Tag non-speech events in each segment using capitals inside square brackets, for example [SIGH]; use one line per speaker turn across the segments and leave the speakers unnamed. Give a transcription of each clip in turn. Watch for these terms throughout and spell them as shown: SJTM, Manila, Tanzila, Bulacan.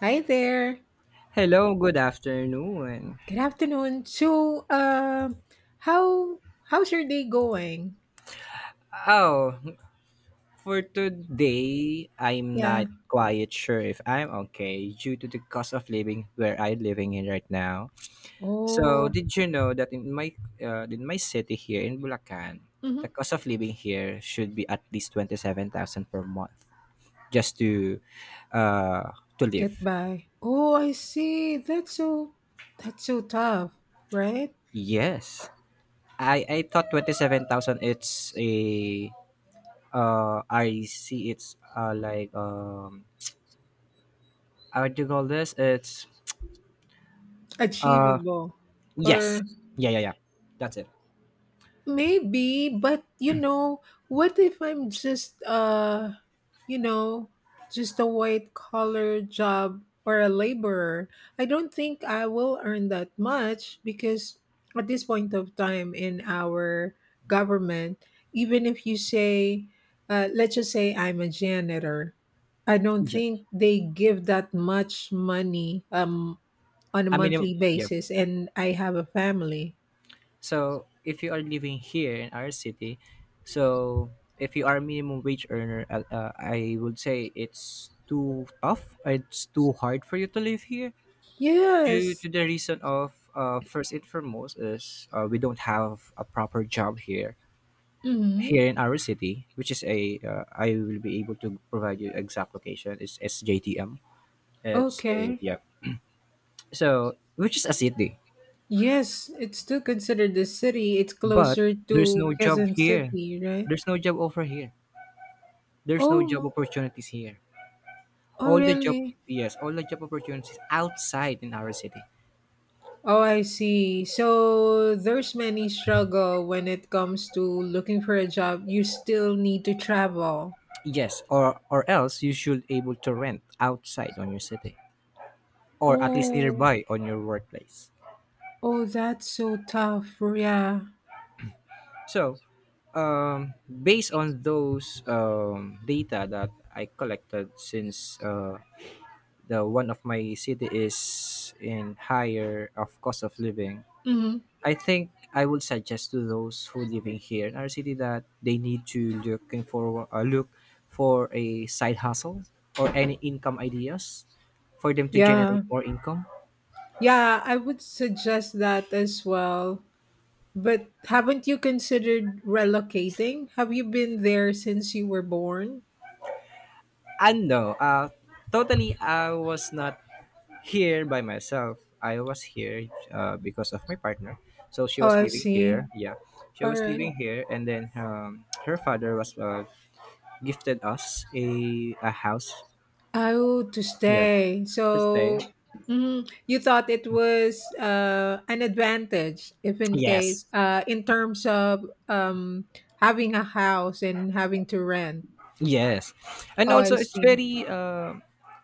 Hi there.
Hello, good afternoon.
Good afternoon. How how's your day going?
Oh, for today, I'm
Yeah.
not quite sure if I'm okay due to the cost of living where I'm living in right now. So,
Oh,
did you know that in my city here in Bulacan,
mhm.
the cost of living here should be at least 27,000 per month just uh to live.
Get by. Oh, I see. That's so tough, right?
Yes. I thought 27,000, it's a, I see, it's like, I would do call this. It's uh
Achievable, or
yes, yeah, yeah, yeah. That's it.
maybe, but you know, what if I'm just you know, just a white collar job or a laborer? I don't think I will earn that much because at this point of time in our government, even if you say let's just say I'm a janitor, I don't
Yes.
think they give that much money on a
I mean,
monthly
yeah.
basis and I have a family.
So if you are living here in our city, so if you are a minimum wage earner, I would say it's too tough. It's too hard for you to live here due
Yes.
to the reason of, first and foremost is, we don't have a proper job here
Mhm.
here in our city, which is a, I will be able to provide you exact location. It's SJTM. It's a,
Okay.
yeah. So, which is a city,
Yes, it's still considered the city. It's
but
closer
there's
to
no job
Quezon
here.
City, right?
There's no job offer here. There's no job
Oh,
opportunities here.
oh
All the job,
really?
yes, all the job opportunities outside in our city.
Oh, I see. So there's many struggle when it comes to looking for a job. You still need to travel.
Yes, or else you should able to rent outside on your city, or at least
Oh,
nearby on your workplace.
oh, that's so tough. Yeah.
So, based on those, data that I collected, since the one of my city is in higher of cost of living,
Hmm.
I think I would suggest to those who living here in our city that they need to look for a side hustle or any income ideas for them to generate
Yeah.
more income.
Yeah, I would suggest that as well. But haven't you considered relocating? Have you been there since you were born?
And no, totally, I was not here by myself. I was here, because of my partner. So she
Oh,
was
I
living
see.
here. Yeah, she
All
was
right.
living here, and then, her father was, gifted us a house.
Oh, to
Yeah,
stay.
to stay.
So mhm, you thought it was an advantage, if in
Yes,
case, in terms of having a house and having to rent.
yes, and
Oh, I
also it's
see.
very uh,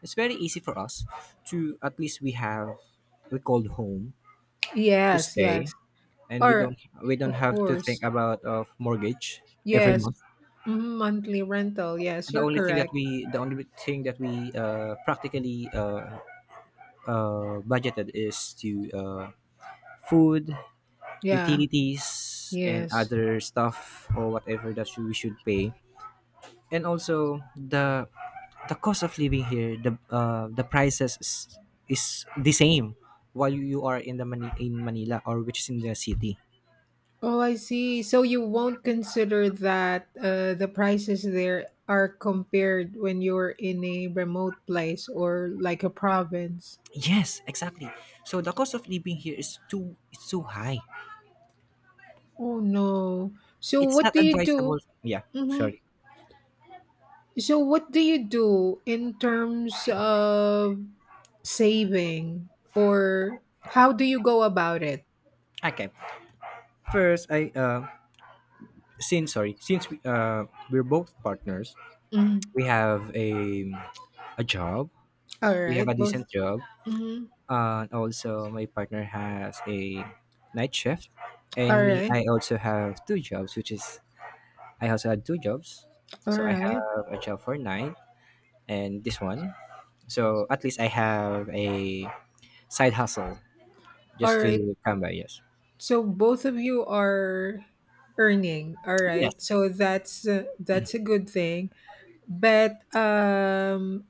it's very easy for us to at least we called home to
Yes,
stay,
yes.
and we
Or,
don't we don't
of
have to think
course.
about of mortgage every
Yes.
month.
Mhm, monthly rental. Yes,
And
you're correct.
the only thing that we, practically, budgeted is to, food,
Yeah.
utilities, and
Yes.
other stuff or whatever that we should pay, and also the cost of living here, the, the prices is the same while you are in the Mani- in Manila, or which is in the city.
Oh, I see. So you won't consider that the prices there are compared when you're in a remote place or like a province.
Yes, exactly, so the cost of living here is too it's too high.
Oh no. So
It's
what
not
do you do?
advisable. Yeah.
Hmm.
Sorry.
So what do you do in terms of saving, or how do you go about it?
Okay, first I, since, sorry, since we're both partners,
Mhm.
we have a job,
All
we have
right,
a
both.
decent job,
Mhm.
and also my partner has a night shift,
All
and me,
right.
I also have two jobs, which is I also had two jobs
All
so I
right.
have a job for night and this one, so at least I have a side hustle
All
just
right.
to come by. Yes.
So both of you are earning, all
Yes,
right? So that's a good thing. But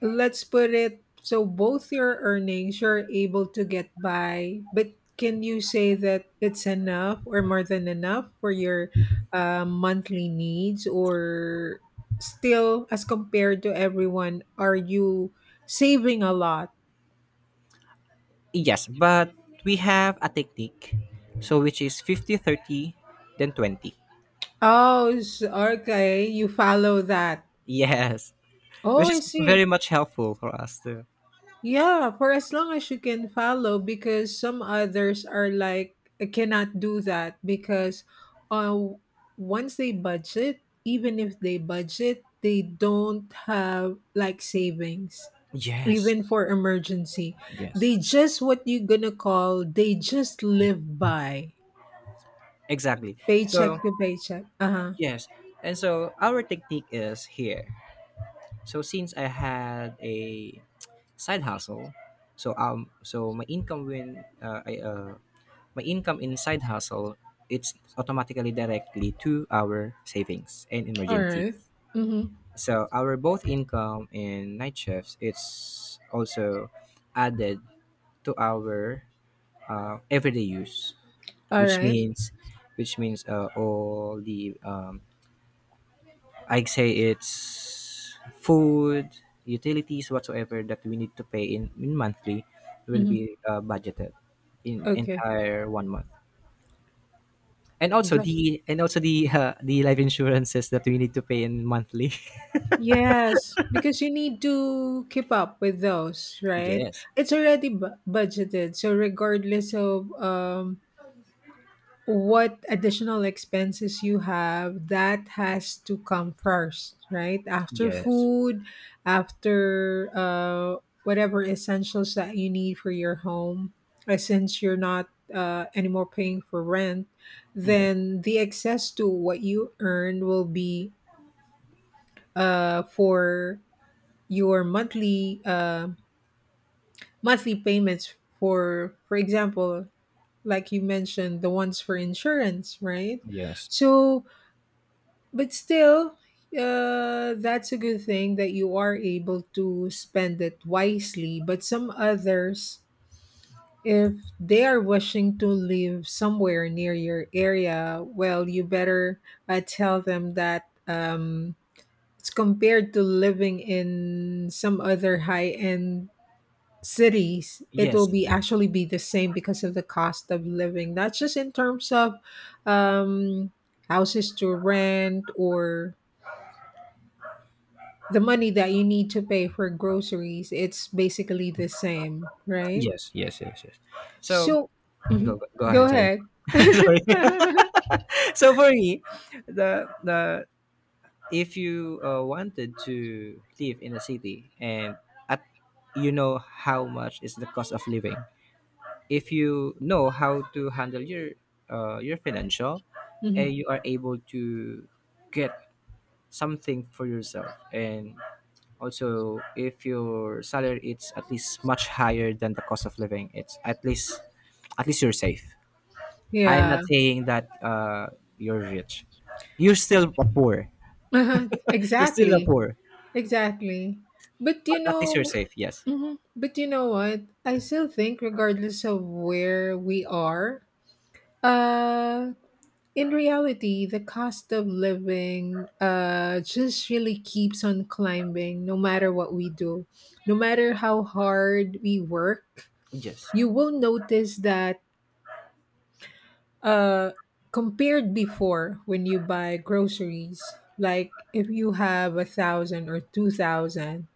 let's put it, so both your earnings, you're able to get by, but can you say that it's enough or more than enough for your monthly needs, or still as compared to everyone, are you saving a lot?
yes, but we have a technique, so which is 50/30, then 20.
Oh, okay, you follow that.
[LAUGHS] Yes,
Oh,
which
I
is very
see.
much helpful for us to,
Yeah, for as long as you can follow, because some others are like, I cannot do that because uh, once they budget, even if they budget, they don't have like savings,
yes,
even for emergency.
yes,
They just what you gonna call, they just live by
exactly,
paycheck
so.
to paycheck. Uh huh.
Yes. And so our technique is here. So, since I had a side hustle, so my income in side hustle, it's automatically directly to our savings and
All right.
emergencies.
Mm-hmm.
So our both income and night shifts, it's also added to our, everyday use,
All
which
right.
means which means all the, I'd say it's food, utilities, whatsoever that we need to pay in monthly will be,
Mm-hmm.
budgeted in
Okay.
entire one month. And also the [LAUGHS] the life insurances that we need to pay in monthly.
Yes, because you need to keep up with those,
[LAUGHS]
right?
Yes.
It's already budgeted. So regardless of what additional expenses you have, that has to come first, right? After
Yes.
food, after whatever essentials that you need for your home. Since you're not anymore paying for rent,
Yes.
then the excess to what you earn will be for your monthly monthly payments, for example like you mentioned, the ones for insurance, right?
Yes.
So but still, that's a good thing that you are able to spend it wisely, but some others, if they are wishing to live somewhere near your area, well you better tell them that it's compared to living in some other high end cities, it will
Yes.
be actually be the same because of the cost of living, not just in terms of um houses to rent or the money that you need to pay for groceries, it's basically the same, right?
Yes. Yes. Yes. Yes. So
So
go,
mhm,
go, go
go
ahead, sorry.
ahead.
[LAUGHS] Sorry. [LAUGHS] So for me, the if you, wanted to live in a city and at, you know how much is the cost of living, if you know how to handle your financial, and
Mhm.
you are able to get something for yourself, and also if your salary is at least much higher than the cost of living, it's at least, you're safe. I'm
Yeah.
not saying that, you're rich. you're still a poor
[LAUGHS] Uh-huh.
you're still a
Exactly.
poor.
Exactly, but
But
you
at least
know,
you're safe. Yes.
mhm, but you know what, I still think regardless of where we are, uh in reality, the cost of living just really keeps on climbing no matter what we do. No matter how hard we work,
Yes.
you will notice that uh, compared before when you buy groceries, like if you have 1,000 or 2,000,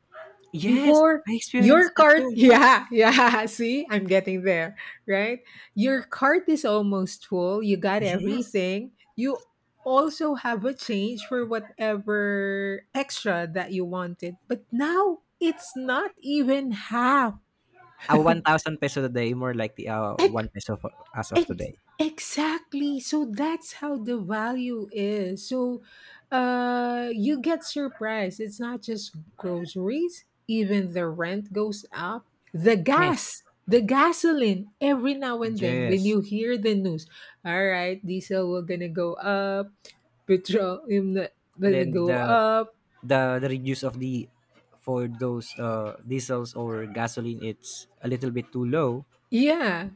Yes.
before
I
your
experienced that
cart [LAUGHS]
too. Yes.
yeah yeah, see I'm getting there, right? Your cart is almost full, you got
Yes.
everything, you also have a change for whatever extra that you wanted, but now it's not even half. [LAUGHS]
A 1,000 peso today, more like the, 1 peso for, as of
Ex-
today.
exactly. So that's how the value is. So you get surprised. It's not just groceries, even the rent goes up. The
Yes.
gas, the gasoline every now and then when
Yes.
you hear the news. All right, diesel will gonna go up, petrol gonna
Then
go
the
up.
the, the reduce of the, for those, diesels or gasoline, it's a little bit too low.
Yeah,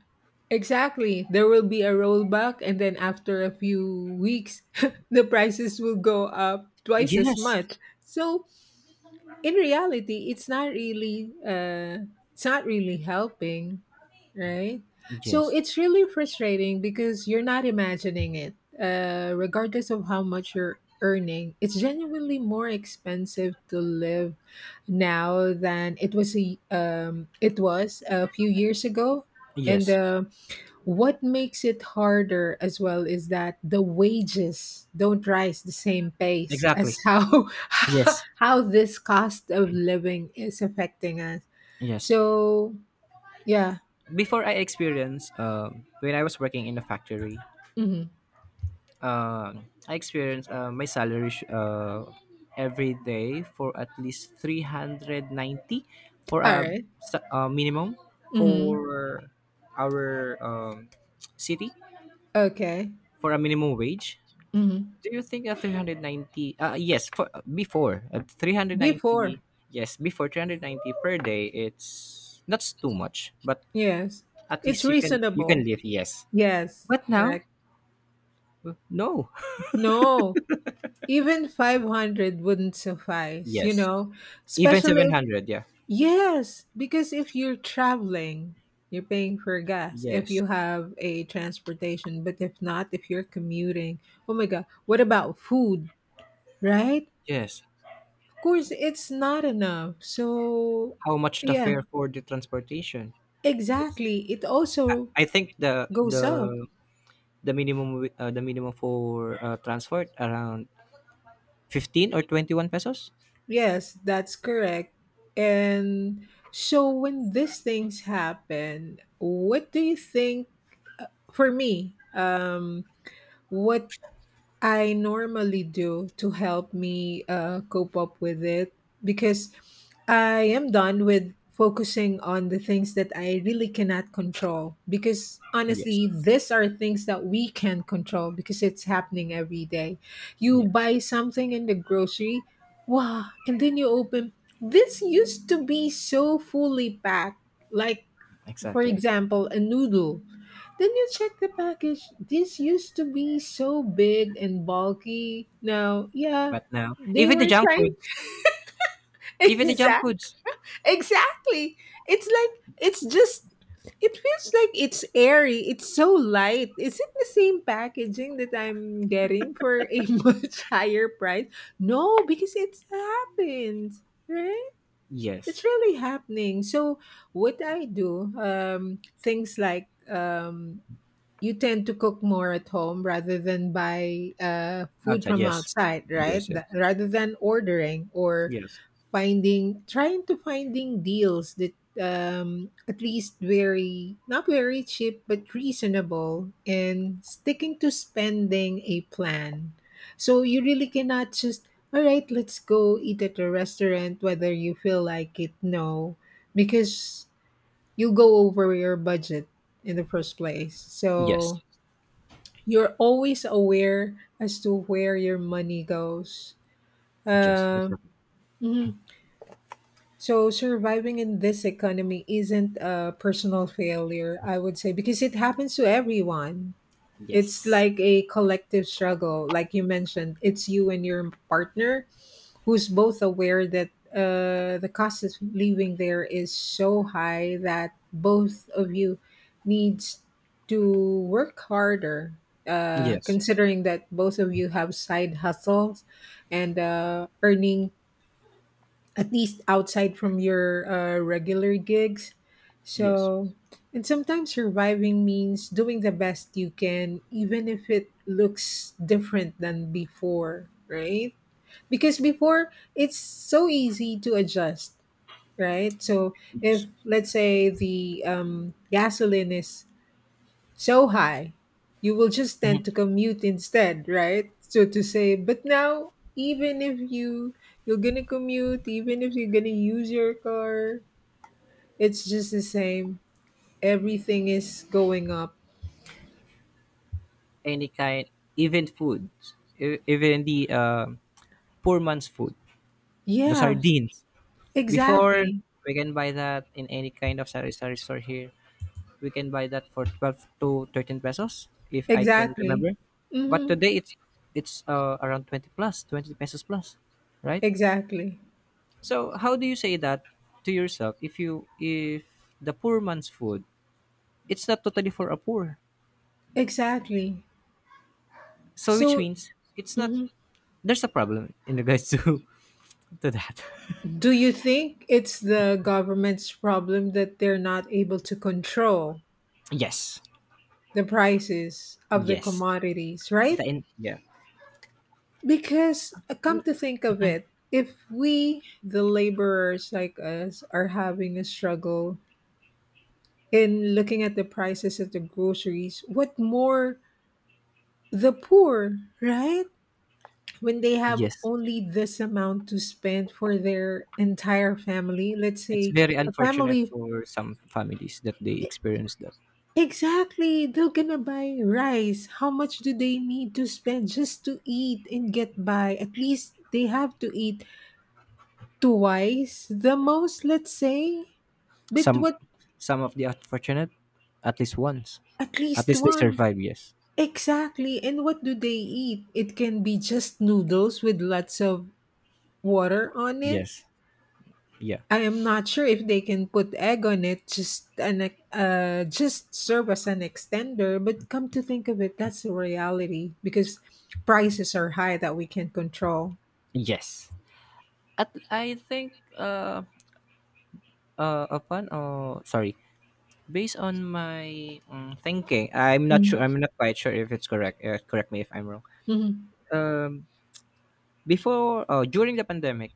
exactly. There will be a rollback, and then after a few weeks, [LAUGHS] the prices will go up twice as
Yes.
much. So in reality, it's not really helping, right? So
Yes.
it's really frustrating because you're not imagining it. Regardless of how much you're earning, it's genuinely more expensive to live now than it was a few years ago, and.
Yes.
What makes it harder as well is that the wages don't rise the same pace as
Exactly.
how
Yes.
[LAUGHS] how this cost of living is affecting us.
Yes.
So yeah,
Before I experienced, when I was working in a factory,
mhm.
uh, I experience, my salary, every day for at least 390 for
All right.
a minimum
Mhm.
for our, city,
Okay.
for a minimum wage.
Mhm.
Do you think that 390, yes, for before at
Before,
390, yes, before 390 per day, it's not too much, but
yes,
at
it's
least you can
reasonable.
live, yes,
Yes,
but now,
correct.
no.
No, even 500 wouldn't
[LAUGHS]
suffice, you
Yes,
know,
even
especially if
700, yeah,
yes, because if you're traveling, you're paying for gas if
yes.
you have a transportation. But if not, if you're commuting, oh my God, what about food, right?
Yes.
Of course, it's not enough. So,
How much the
yeah,
fare for the transportation? It's
exactly. It
I,
also
I think the
goes up.
the the minimum for, transport around 15 or 21 pesos.
Yes, that's correct. And so, when these things happen, what do you think for me? What I normally do to help me cope up with it because I am done with focusing on the things that I really cannot control. Because
Yes.
honestly, these are things that we can control because it's happening every day. You
Yes.
buy something in the grocery, wow, and then you open. This used to be so fully packed. Like, for
Exactly.
example, a noodle, then you check the package. This used to be so big and bulky. Now, yeah,
But now
they were trying. [LAUGHS]
even the junk
Exact,
foods.
exactly. It's like it's just. It feels like it's airy. It's so light. Is it the same packaging that I'm getting for a [LAUGHS] much higher price? No, because it's happened, right?
Yes.
It's really happening. So what I do, things like you tend to cook more at home rather than buy food
Outside,
from
yes.
outside, right?
Yes, it.
Rather than ordering or
Yes.
finding, trying to finding deals that at least very, not very cheap, but reasonable, and sticking to spending a plan. So you really cannot just, all right, let's go eat at a restaurant, whether you feel like it, no, because you go over your budget in the first place. So
Yes.
you're always aware as to where your money goes.
Yes,
Um,
exactly.
mhm. So surviving in this economy isn't a personal failure, I would say, because it happens to everyone. It's
Yes.
like a collective struggle, like you mentioned. It's you and your partner who's both aware that the cost of living there is so high that both of you needs to work harder,
Yes.
considering that both of you have side hustles and earning at least outside from your regular gigs.
Yes.
So and sometimes surviving means doing the best you can, even if it looks different than before, right? Because before it's so easy to adjust, right? So if
Yes.
let's say the gasoline is so high, you will just tend to commute instead, right, so to say, but now even if you you're gonna commute, even if you're gonna use your car, it's just the same, everything is going up.
Any kind, even foods, even the, poor man's food. The
Yeah,
sardines. Before
exactly.
we can buy that in any kind of sari sari store here. We can buy that for 12 to 13 pesos, if I can
Exactly.
remember. But
Mm-hmm.
today, it's around 20 plus, 20 pesos plus, right?
Exactly.
So how do you say that to yourself, if you if the poor man's food, it's not totally for a poor.
Exactly.
So which
So
means it's not,
mhm.
there's a problem in regards to [LAUGHS] to that.
Do you think it's the government's problem that they're not able to control
Yes.
the prices of the
Yes.
commodities, right?
The in, yeah.
Because come to think of it, if we, the laborers like us, are having a struggle in looking at the prices of the groceries, what more the poor, right? When they have
Yes.
only this amount to spend for their entire family, let's
It's
say
very
a
unfortunate
family.
for some families that they experience that.
Exactly. They're gonna buy rice. How much do they need to spend just to eat and get by? At least they have to eat twice the most, let's say. But
Some
what,
some of the unfortunate, at least once.
at
At
least
least they
once.
survive, yes.
Exactly. And what do they eat? It can be just noodles with lots of water on it.
Yes. Yeah.
I am not sure if they can put egg on it. Just an just serve as an extender. But come to think of it, that's the reality because prices are high that we can't control.
Yes. At, I think, upon, sorry. Based on my, thinking, I'm not sure. I'm
Mm-hmm.
not quite sure if it's correct. Correct me if I'm wrong.
All
Um, before, during the pandemic,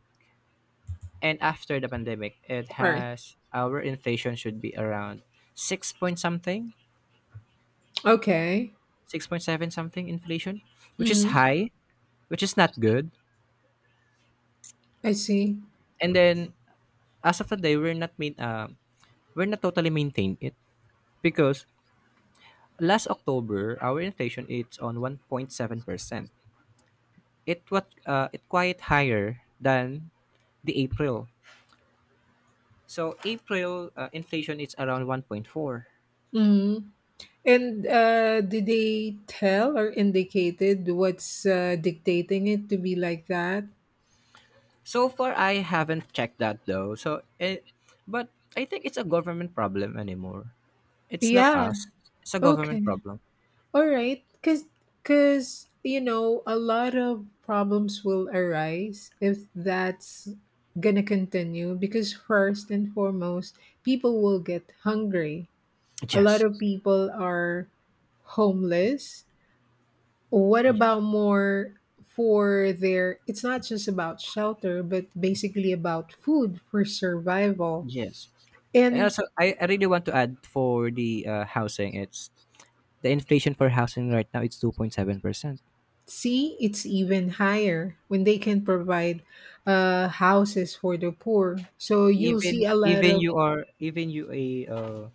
and after the pandemic, it
right.
has, our inflation should be around six point something,
Okay.
6.7 something inflation, which is
Mm-hmm.
high, which is not good.
I see.
And then, as of today, we're not main, we're not totally maintained it, because last October our inflation it's on 1.7 percent. It quite higher than the April. So April, inflation is around 1.4.
Mm-hmm. And did they tell or indicated what's dictating it to be like that?
So far I haven't checked that though. But I think it's a government problem anymore. It's not
Yeah.
us. It's a government
Okay.
problem.
All right, because you know a lot of problems will arise if that's gonna continue. Because first and foremost, people will get hungry. A lot
Yes.
of people are homeless. What
Y-
about more for their? It's not just about shelter, but basically about food for survival.
Yes. And
And
also, I really want to add for the, housing. It's the inflation for housing right now. It's 2.7%.
see, it's even higher when they can provide houses for the poor. So you'll see
Even
a lot
even
of.
you are, even you a,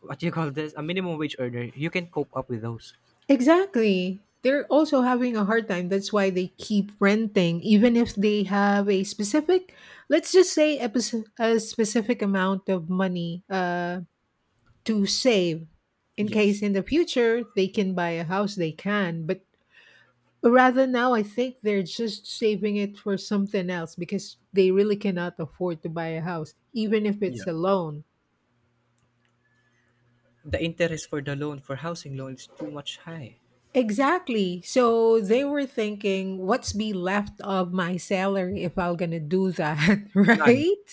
what do you call this, a minimum wage earner, you can cope up with those.
Exactly. They're also having a hard time. That's why they keep renting, even if they have a specific, let's just say, a specific amount of money to save in case
Yes.
in the future they can buy a house, they can. But rather now, I think they're just saving it for something else because they really cannot afford to buy a house, even if
Yeah.
it's a loan.
The interest for the loan, for housing loan, is too much high.
Exactly. So they were thinking, what's be left of my salary if I'm going to do that, [LAUGHS]
None.
right?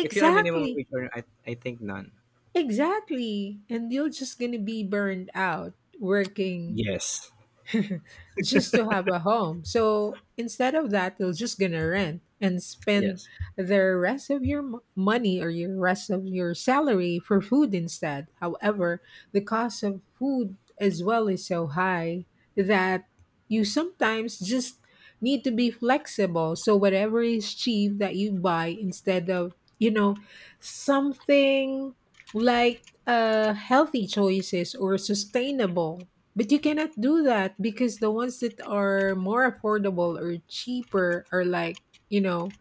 If you are minimum wage earner, I think none.
Exactly. And you're just going to be burned out working
Yes.
[LAUGHS] just to have a home. So instead of that, you're just gonna rent and spend
Yes.
the rest of your money or your rest of your salary for food instead. However, the cost of food as well is so high that you sometimes just need to be flexible. So whatever is cheap that you buy instead of, you know, something like healthy choices or sustainable, but you cannot do that because the ones that are more affordable or cheaper are like, you know,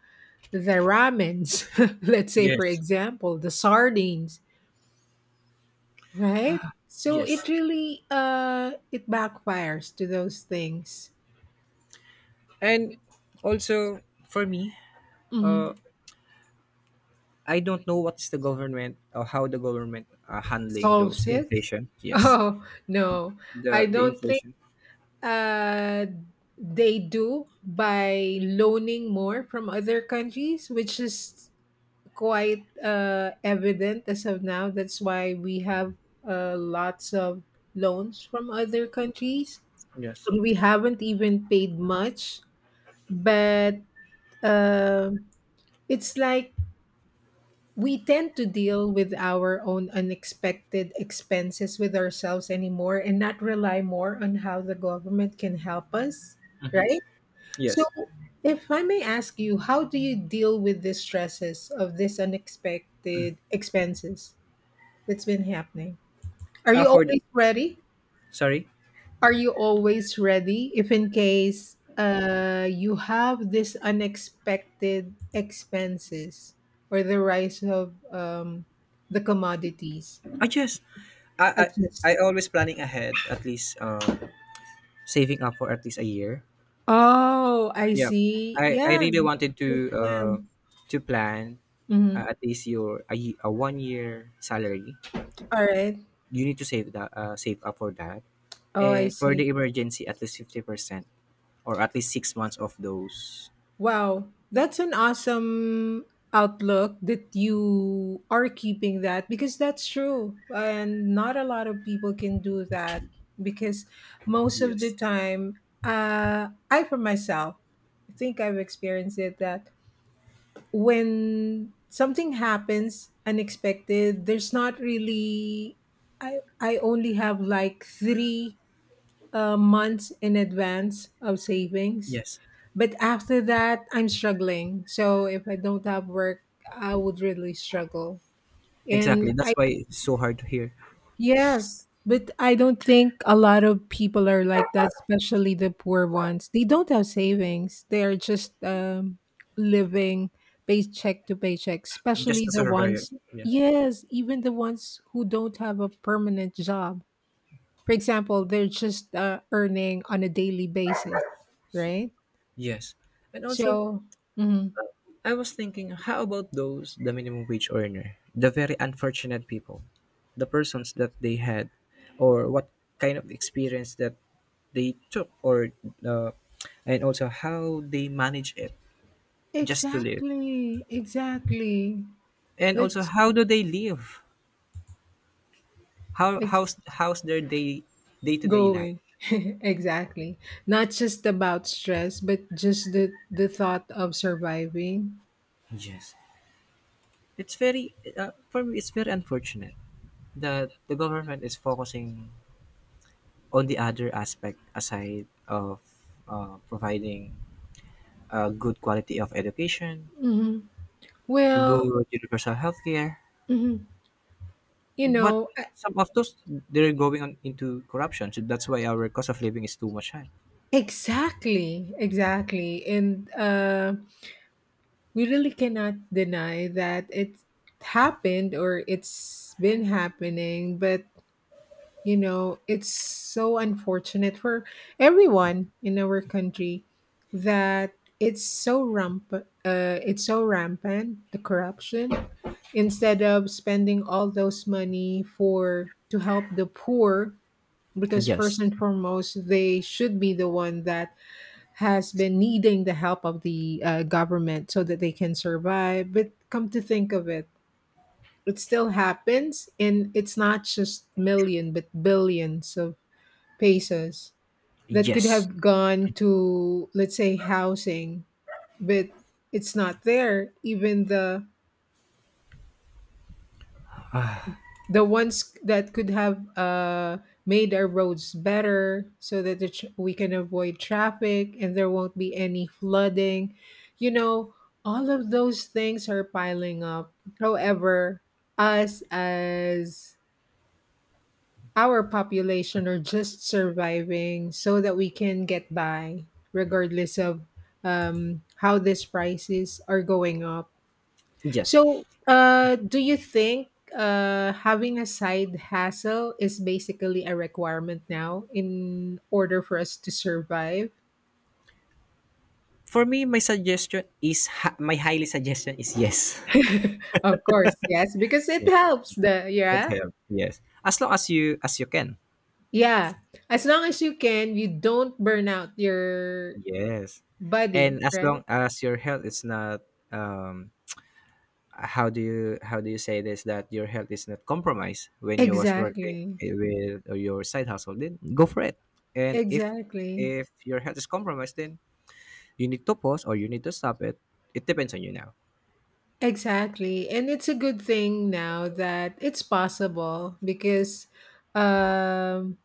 the ramens, [LAUGHS] let's say for
Yes.
example, the sardines, right? So it
Yes.
really it backfires to those things.
And also for me, uh,
Mhm.
I don't know what's the government or how the government are handling
Solves
those
it? [LAUGHS]
inflation. Yes,
Oh, no. I
the
don't think
inflation.
uh they do by loaning more from other countries, which is quite evident as of now. That's why we have lots of loans from other countries.
Yes.
We haven't even paid much, but uh, it's like we tend to deal with our own unexpected expenses with ourselves anymore and not rely more on how the government can help us,
Hmm.
right? So,
Yes.
if I may ask you, how do you deal with the stresses of this unexpected expenses? It's been happening. Are
Uh,
you
for the,
always ready?
sorry.
Are you always ready if in case you have this unexpected expenses or the rise of the commodities?
I just
I
I
just
I always planning ahead, at least, saving up for at least a year.
Oh, I
Yeah,
see.
I
Yeah,
really
that's
wanted
a
to,
great
uh
plan.
plan,
Mhm.
at least your, a one year salary,
All right.
you need to save up for that,
Oh, I
and for the
see.
emergency at least 50% or at least 6 months of those.
Wow, that's an awesome outlook that you are keeping that because that's true. And not a lot of people can do that because most of the
Yes,
time, I for myself, I think I've experienced it that when something happens unexpected, there's not really, I only have like three months in advance of savings,
yes,
but after that, I'm struggling. So if I don't have work, I would really struggle. And
exactly,
I,
that's why it's so hard to hear,
yes, but I don't think a lot of people are like that, especially the poor ones. They don't have savings, they are just living paycheck to paycheck,
just
especially
to
the
survive,
ones,
yeah,
yes, even the ones who don't have a permanent job. For example, they're just earning on a daily basis, right?
yes, and also,
So, mhm.
I was thinking, how about those, the minimum wage earner, the very unfortunate people, the persons that they had, or what kind of experience that they took, or, uh, and also, how they manage it, just to live?
Exactly, exactly.
And also,
That's
how do they live? How
ex-
how's how's their day day to
Go
day life?
away. [LAUGHS] Exactly. Not just about stress, but just the thought of surviving.
Yes, it's very, for me. It's very unfortunate that the government is focusing on the other aspect aside of, providing a good quality of education,
Hmm. Well.
good universal healthcare.
Mhm. you
But
know, uh,
some of those they're going on into corruption. So that's why our cost of living is too much high.
exactly, exactly, and we really cannot deny that it happened or it's been happening, but you know, it's so unfortunate for everyone in our country that it's so ramp uh, it's so rampant, the corruption. Instead of spending all those money for to help the poor, because first
Yes,
and foremost they should be the one that has been needing the help of the government so that they can survive. But come to think of it, it still happens, and it's not just million but billions of pesos that could
yes,
have gone to, let's say, housing, but it's not there. Even the ones that could have made our roads better so that the tr we can avoid traffic and there won't be any flooding, you know, all of those things are piling up. However, us as our population are just surviving so that we can get by, regardless of how these prices are going up.
yes.
So do you think having a side hustle is basically a requirement now in order for us to survive?
For me, my suggestion is, my highly suggestion is yes.
[LAUGHS] Of course, yes, because it
Yeah,
helps the
it
yeah.
helps. Yes, as long as you can,
Yeah, as long as you can, you don't burn out your
yes,
body,
and as
right?
long as your health is not, um how do you say this, that your health is not compromised when you was working
Exactly.
with your side hustle, then go for it. And
Exactly.
if your health is compromised, then you need to pause or you need to stop it. It depends on you now.
Exactly. And it's a good thing now that it's possible because um,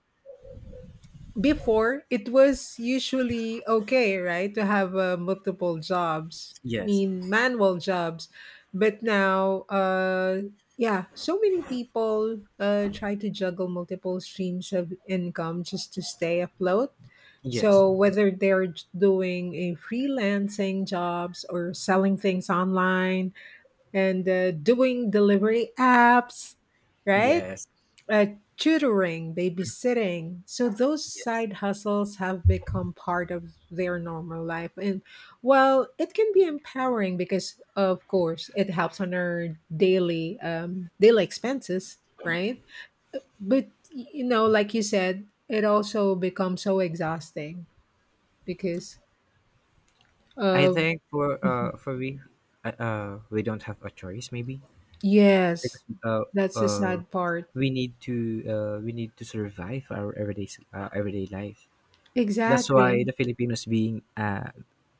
before, it was usually okay, right, to have multiple jobs, I
Yes.
mean, manual jobs. But now, yeah, so many people try to juggle multiple streams of income just to stay afloat.
Yes.
So whether they're doing a freelancing jobs or selling things online, and doing delivery apps, right?
Yes.
Uh, Tutoring, babysitting. So those
Yes.
side hustles have become part of their normal life. And well, it can be empowering because, of course, it helps on our daily expenses, right? But you know, like you said, it also becomes so exhausting because
I
of
think for
[LAUGHS] Mhm.
we don't have a choice maybe
Yes,
because
that's the
uh
sad part.
we need to survive our everyday life. That's why the
Exactly.
Filipinos being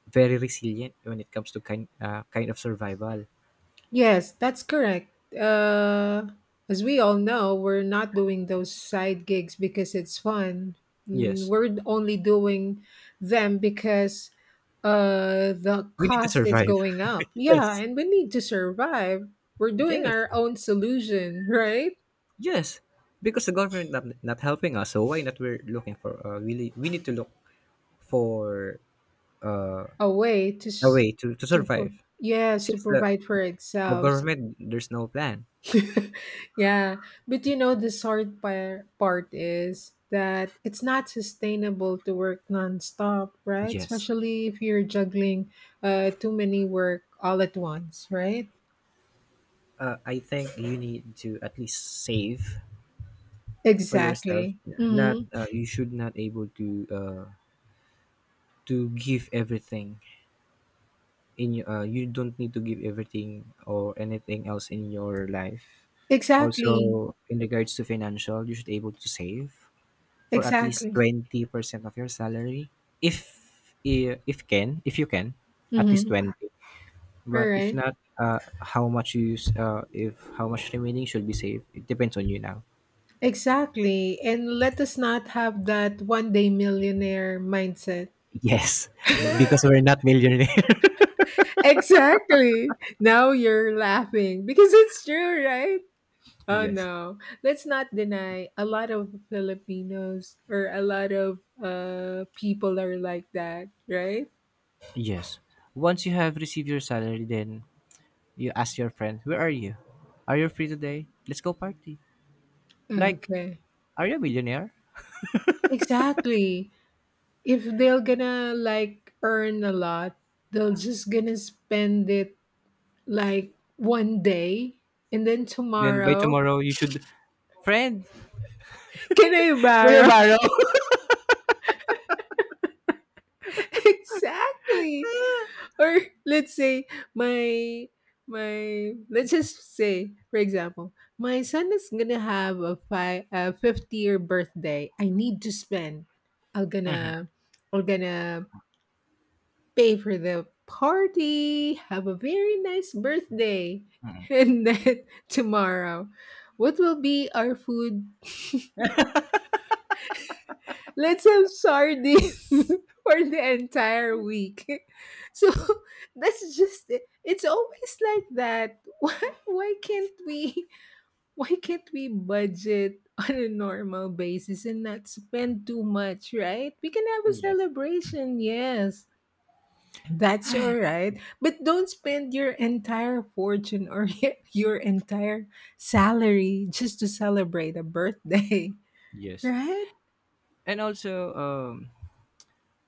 very resilient when it comes to kind of survival.
Yes, that's correct. As we all know, we're not doing those side gigs because it's fun.
Yes,
We're only doing them because the
we need to
cost is
survive.
going up.
[LAUGHS]
Yeah,
Yes.
and we need to survive. We're doing
Yes.
our own solution, [LAUGHS] right?
Yes. Because the government not helping us, so why not? We're looking for we need to look for
A way to
a
s-
way to
to pro-
survive
Yes, to
since
provide for
the
ourselves.
government, there's no plan.
[LAUGHS] Yeah, but you know the hard part is that it's not sustainable to work nonstop, right?
Yes.
Especially if you're juggling too many work all at once, right?
I think you need to at least save for yourself.
Exactly.
Not
Mm-hmm.
You should not able uh, to give everything you don't need to give everything or anything else in your life.
Exactly.
Also, in regards to financial, you should able to save for at least
Exactly.
20% of your salary. If I- if can if you can at least
Mm-hmm.
20.
All
But if
right.
not, how much you use, if how much remaining should be saved, it depends on you now. [LAUGHS]
Exactly. And let us not have that one day millionaire mindset. [LAUGHS]
Yes, because we're not millionaire. [LAUGHS]
Exactly. Now you're laughing because it's true, right? Oh
Yes.
no, let's not deny a lot of Filipinos or a lot of people are like that, right?
Yes. Once you have received your salary, then you ask your friend, where are you? Are you free today? Let's go party. Like,
Okay,
are you a millionaire?
exactly. If they're gonna like earn a lot, they'll just gonna spend it like one day, and then
Then by
tomorrow,
tomorrow, you should. Friend!
can I
[LAUGHS] Can you
borrow?
borrow?
[LAUGHS] Exactly. Or let's say my my let's just say, for example, my son is gonna have a fifth year birthday. I need to spend. I'm gonna I'm gonna pay for the party. Have a very nice birthday. [LAUGHS] And then tomorrow, what will be our food? [LAUGHS] Let's have sardines [LAUGHS] for the entire week. [LAUGHS] So [LAUGHS] that's just it. It's always like that. [LAUGHS] Why can't we why can't we budget on a normal basis and not spend too much, right? We can have a
Yes.
celebration, yes. That's all right. But don't spend your entire fortune or [LAUGHS] your entire salary just to celebrate a birthday, [LAUGHS]
Yes.
right?
And also, um,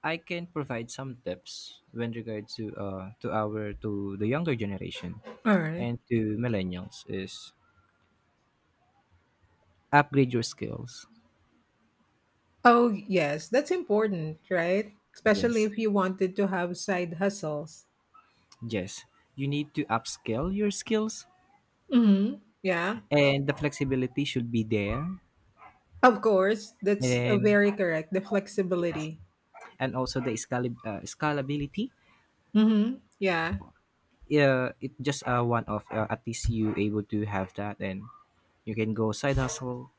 I can provide some tips when regards to our to the younger generation
All right.
and to millennials is upgrade your skills.
Oh, yes, that's important, right? Especially
Yes.
if you wanted to have side hustles.
Yes. You need to upscale your skills
Hmm, yeah,
and the flexibility should be there.
of course.
And
That's a
then,
very correct. The
yes.
flexibility.
And also the scalability.
Hmm. Yeah.
It just one of at least you able to have that and you can go side hustle.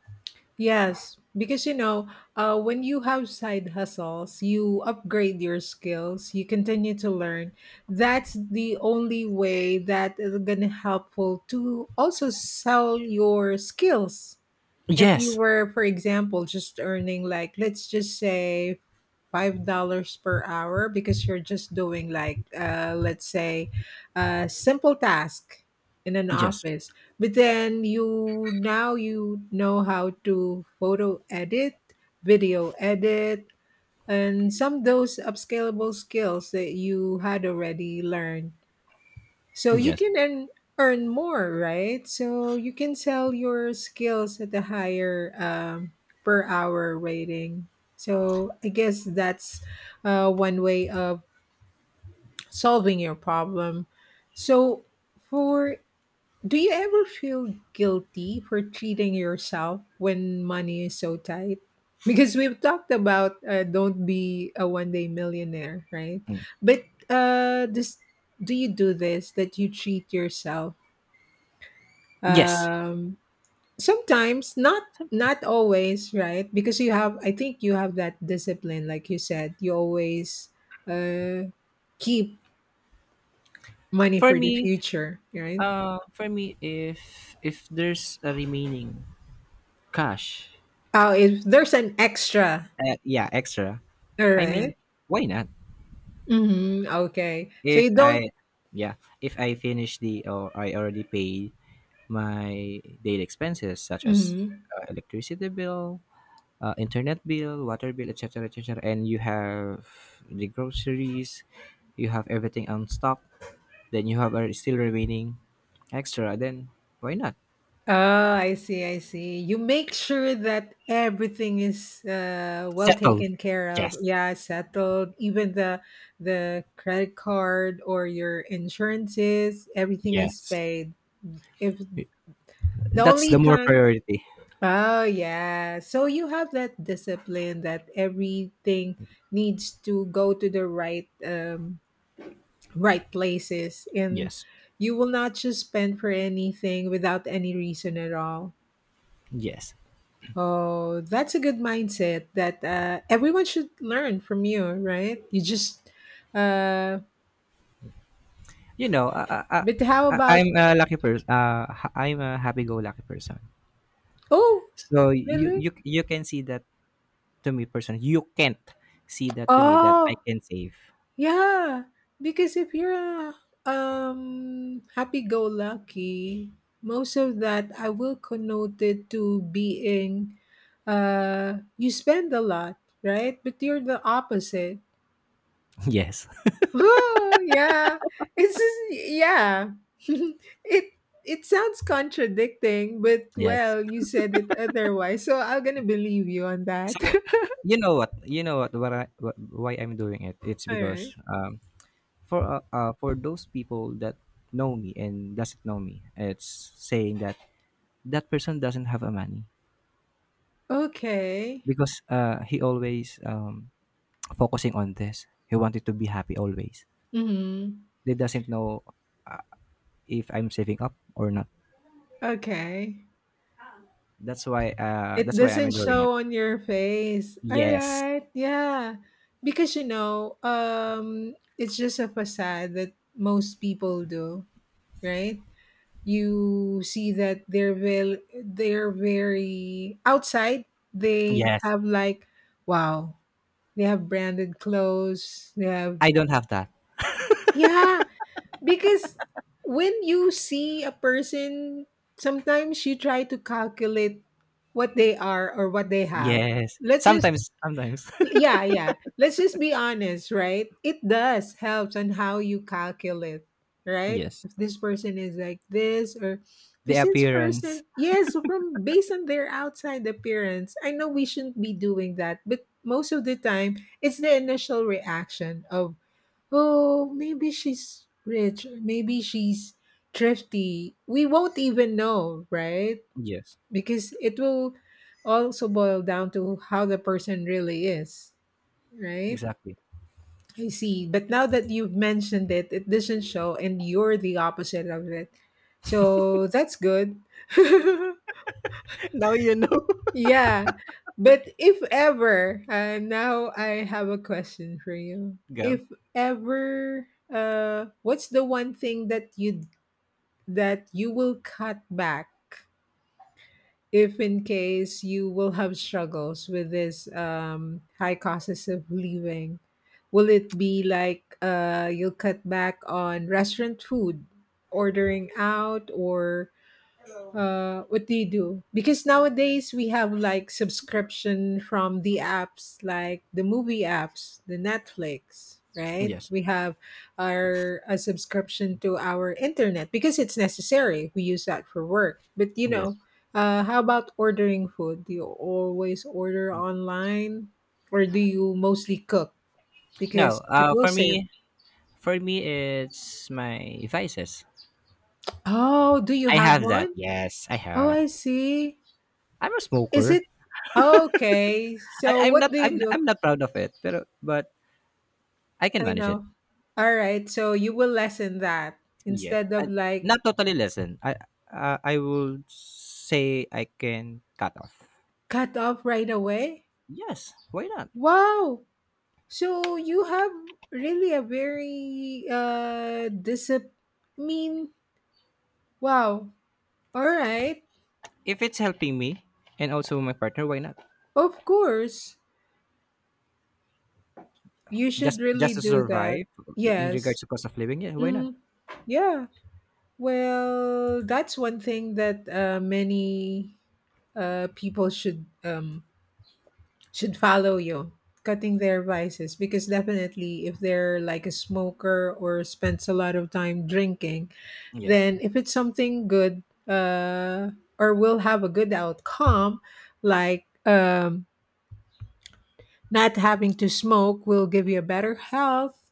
Yes, because when you have side hustles, you upgrade your skills, you continue to learn. That's the only way that is gonna helpful to also sell your skills. If you
Yes.
were, for example, just earning like let's just say $5 per hour because you're just doing like let's say a simple task in an
Yes.
office, but then you now you know how to photo edit, video edit, and some those upscalable skills that you had already learned, so you
Yes.
can earn more, right? So you can sell your skills at a higher per hour rating. So I guess that's one way of solving your problem. So for do you ever feel guilty for treating yourself when money is so tight? Because we've talked about don't be a one day millionaire, right? But this do you do this that you treat yourself
Yes.
um sometimes, not not always, right? Because you have I think you have that discipline, like you said, you always uh keep money
For
for the
me,
future, right?
For me, if there's a remaining cash,
Oh, if there's an extra,
yeah, extra.
all
I mean,
right.
why not?
Mm-hmm. Okay, so
If
you don't.
I, yeah, if I finish the or I already paid my daily expenses such as
Mhm.
electricity bill, internet bill, water bill, etc., etc., and you have the groceries, you have everything on stock, then you have a still remaining extra. Then why not
Oh, I see, I see. You make sure that everything is well
settle?
taken care of.
Yes,
Yeah, settled. Even the credit card or your insurances, everything is
yes.
paid. If the
That's
only
the more
time,
priority.
Oh yeah. So you have that discipline that everything needs to go to the right places, and
Yes.
you will not just spend for anything without any reason at all.
Yes.
Oh, that's a good mindset that everyone should learn from you, right? You just, uh,
You know,
but how about,
I'm a lucky person. I'm a happy-go-lucky person.
Oh,
So
really?
you can see that to me personally. You can't see that to me that I
Oh,
can save.
yeah. Because if you're a happy go lucky, most of that I will connote it to being, you spend a lot, right? But you're the opposite.
[LAUGHS] Yes.
Oh, yeah. Yeah. [LAUGHS] it it sounds contradicting, but
Yes.
well, you said it otherwise, so I'm gonna believe you on
So
that.
you know what? You know what? Why I'm doing it? It's
[LAUGHS] All right.
because for those people that know me and doesn't know me, it's saying that that person doesn't have a money
Okay.
because he always focusing on this. He wanted to be happy always.
Mm-hmm.
They doesn't know uh, if I'm saving up or not.
Okay. It
That's why I'm
doesn't
enjoying it.
show on your face. All
Yes.
right. Yeah. Because it's just a facade that most people do, right? You see that they're very outside. they
Yes.
have like wow they have branded clothes. They have
I don't have that.
Yeah, because when you see a person, sometimes you try to calculate what they are or what they have.
Yes.
Let's
Sometimes,
just
sometimes.
Yeah, yeah. Let's just be honest, right? It does helps on how you calculate,
[LAUGHS]
right?
Yes.
If this person is like this, or
The
does this
appearance.
person, yes, from based on their outside appearance. I know we shouldn't be doing that, but most of the time it's the initial reaction of, oh, maybe she's rich, or maybe she's thrifty. We won't even know, right?
Yes.
Because it will also boil down to how the person really is. Right?
Exactly.
I see. But now that you've mentioned it, it doesn't show, and you're the opposite of it. So that's good. [LAUGHS]
[LAUGHS] Now you know.
Yeah. But if ever, now I have a question for you.
[LAUGHS] Go.
If ever, what's the one thing that you will cut back if in case you will have struggles with this high costs of living? Will it be like, you'll cut back on restaurant food, ordering out, or what do you do? Because nowadays we have like subscription from the apps, like the movie apps, the Netflix, right?
Yes.
We have our a subscription to our internet because it's necessary, we use that for work, but
Yes.
how about ordering food? Do you always order online, or do you mostly cook?
No,
Because it will save.
for me it's my vices.
Oh, do you
I
have
have that.
one?
Yes, I
Oh,
have.
I see.
I'm a
Is
smoker.
it okay? So
I'm
what
not
do you do?
I'm not proud of it. Pero but I can
I
manage it.
know. All right. So you will lessen that
Yeah.
instead of
And
like
not totally lessen. I will say I can cut off.
cut off right away.
Yes, why not?
Wow. So you have really a very discipline. Mean. Wow. All right.
If it's helping me and also my partner, why not?
Of course, you should
Just
really
just to
do that.
survive in
Yes.
regards to cost of living, yeah, why not?
Mm, yeah. Well, that's one thing that, many people should, should follow you cutting their vices, because definitely if they're like a smoker or spends a lot of time drinking,
Yes.
then if it's something good, or will have a good outcome, like, not having to smoke will give you better health,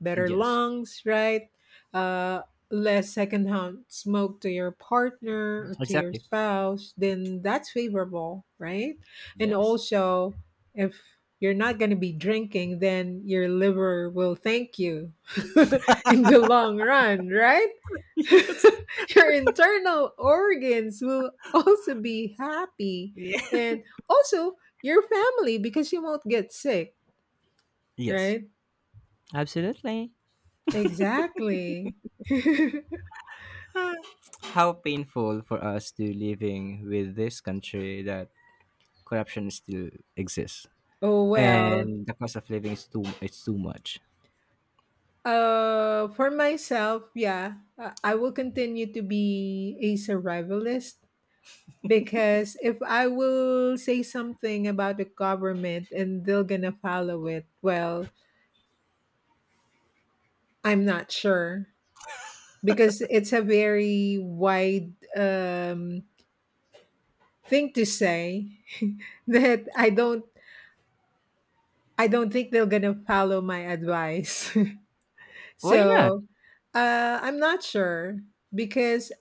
better
Yes.
lungs, right? Uh, less secondhand smoke to your partner or to your
Exactly.
spouse, then that's favorable, right? And
Yes.
also, if you're not going to be drinking, then your liver will thank you [LAUGHS] in the long run, right? [LAUGHS]
[LAUGHS]
Your internal organs will also be happy.
Yes. Yeah.
And also, your family, because you won't get sick,
Yes.
right?
Absolutely.
Exactly. [LAUGHS]
How painful for us to living with this country that corruption still exists
Oh, well.
and the cost of living is too it's too much.
For myself, yeah, I will continue to be a survivalist, because if I will say something about the government and they're gonna follow it, well, I'm not sure, because it's a very wide, thing to say, [LAUGHS] that I don't think they're gonna follow my advice. [LAUGHS]
Why not?
So I'm not sure because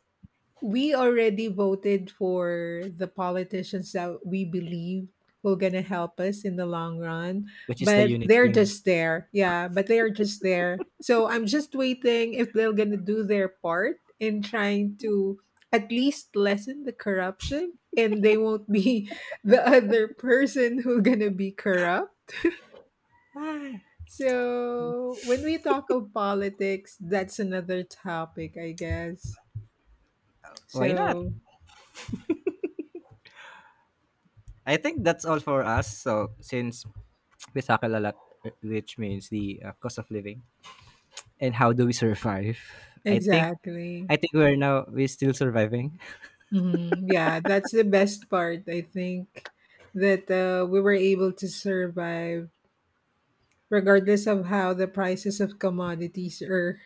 we already voted for the politicians that we believe will gonna help us in the long run.
Which is the
But
unit
they're
team.
just there. Yeah, but they are just there. So I'm just waiting if they're gonna do their part in trying to at least lessen the corruption, and they won't be [LAUGHS] the other person who gonna be corrupt.
Ah,
So, when we talk of politics, that's another topic, I guess.
why not?
So,
I think that's all for us. So since we tackle a lot, which means the cost of living and how do we survive? I think,
exactly.
I think we're still surviving.
Hmm. Yeah, that's the best part, I think, that we were able to survive regardless of how the prices of commodities are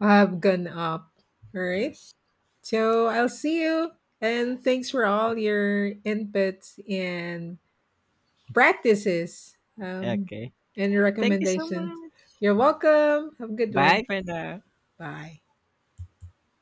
have gone up. All right.
Yes.
So, I'll see you, and thanks for all your inputs and practices, um,
Okay.
and
Thank you so
recommendations.
much.
You're welcome. Have a good one.
Bye for now.
Bye.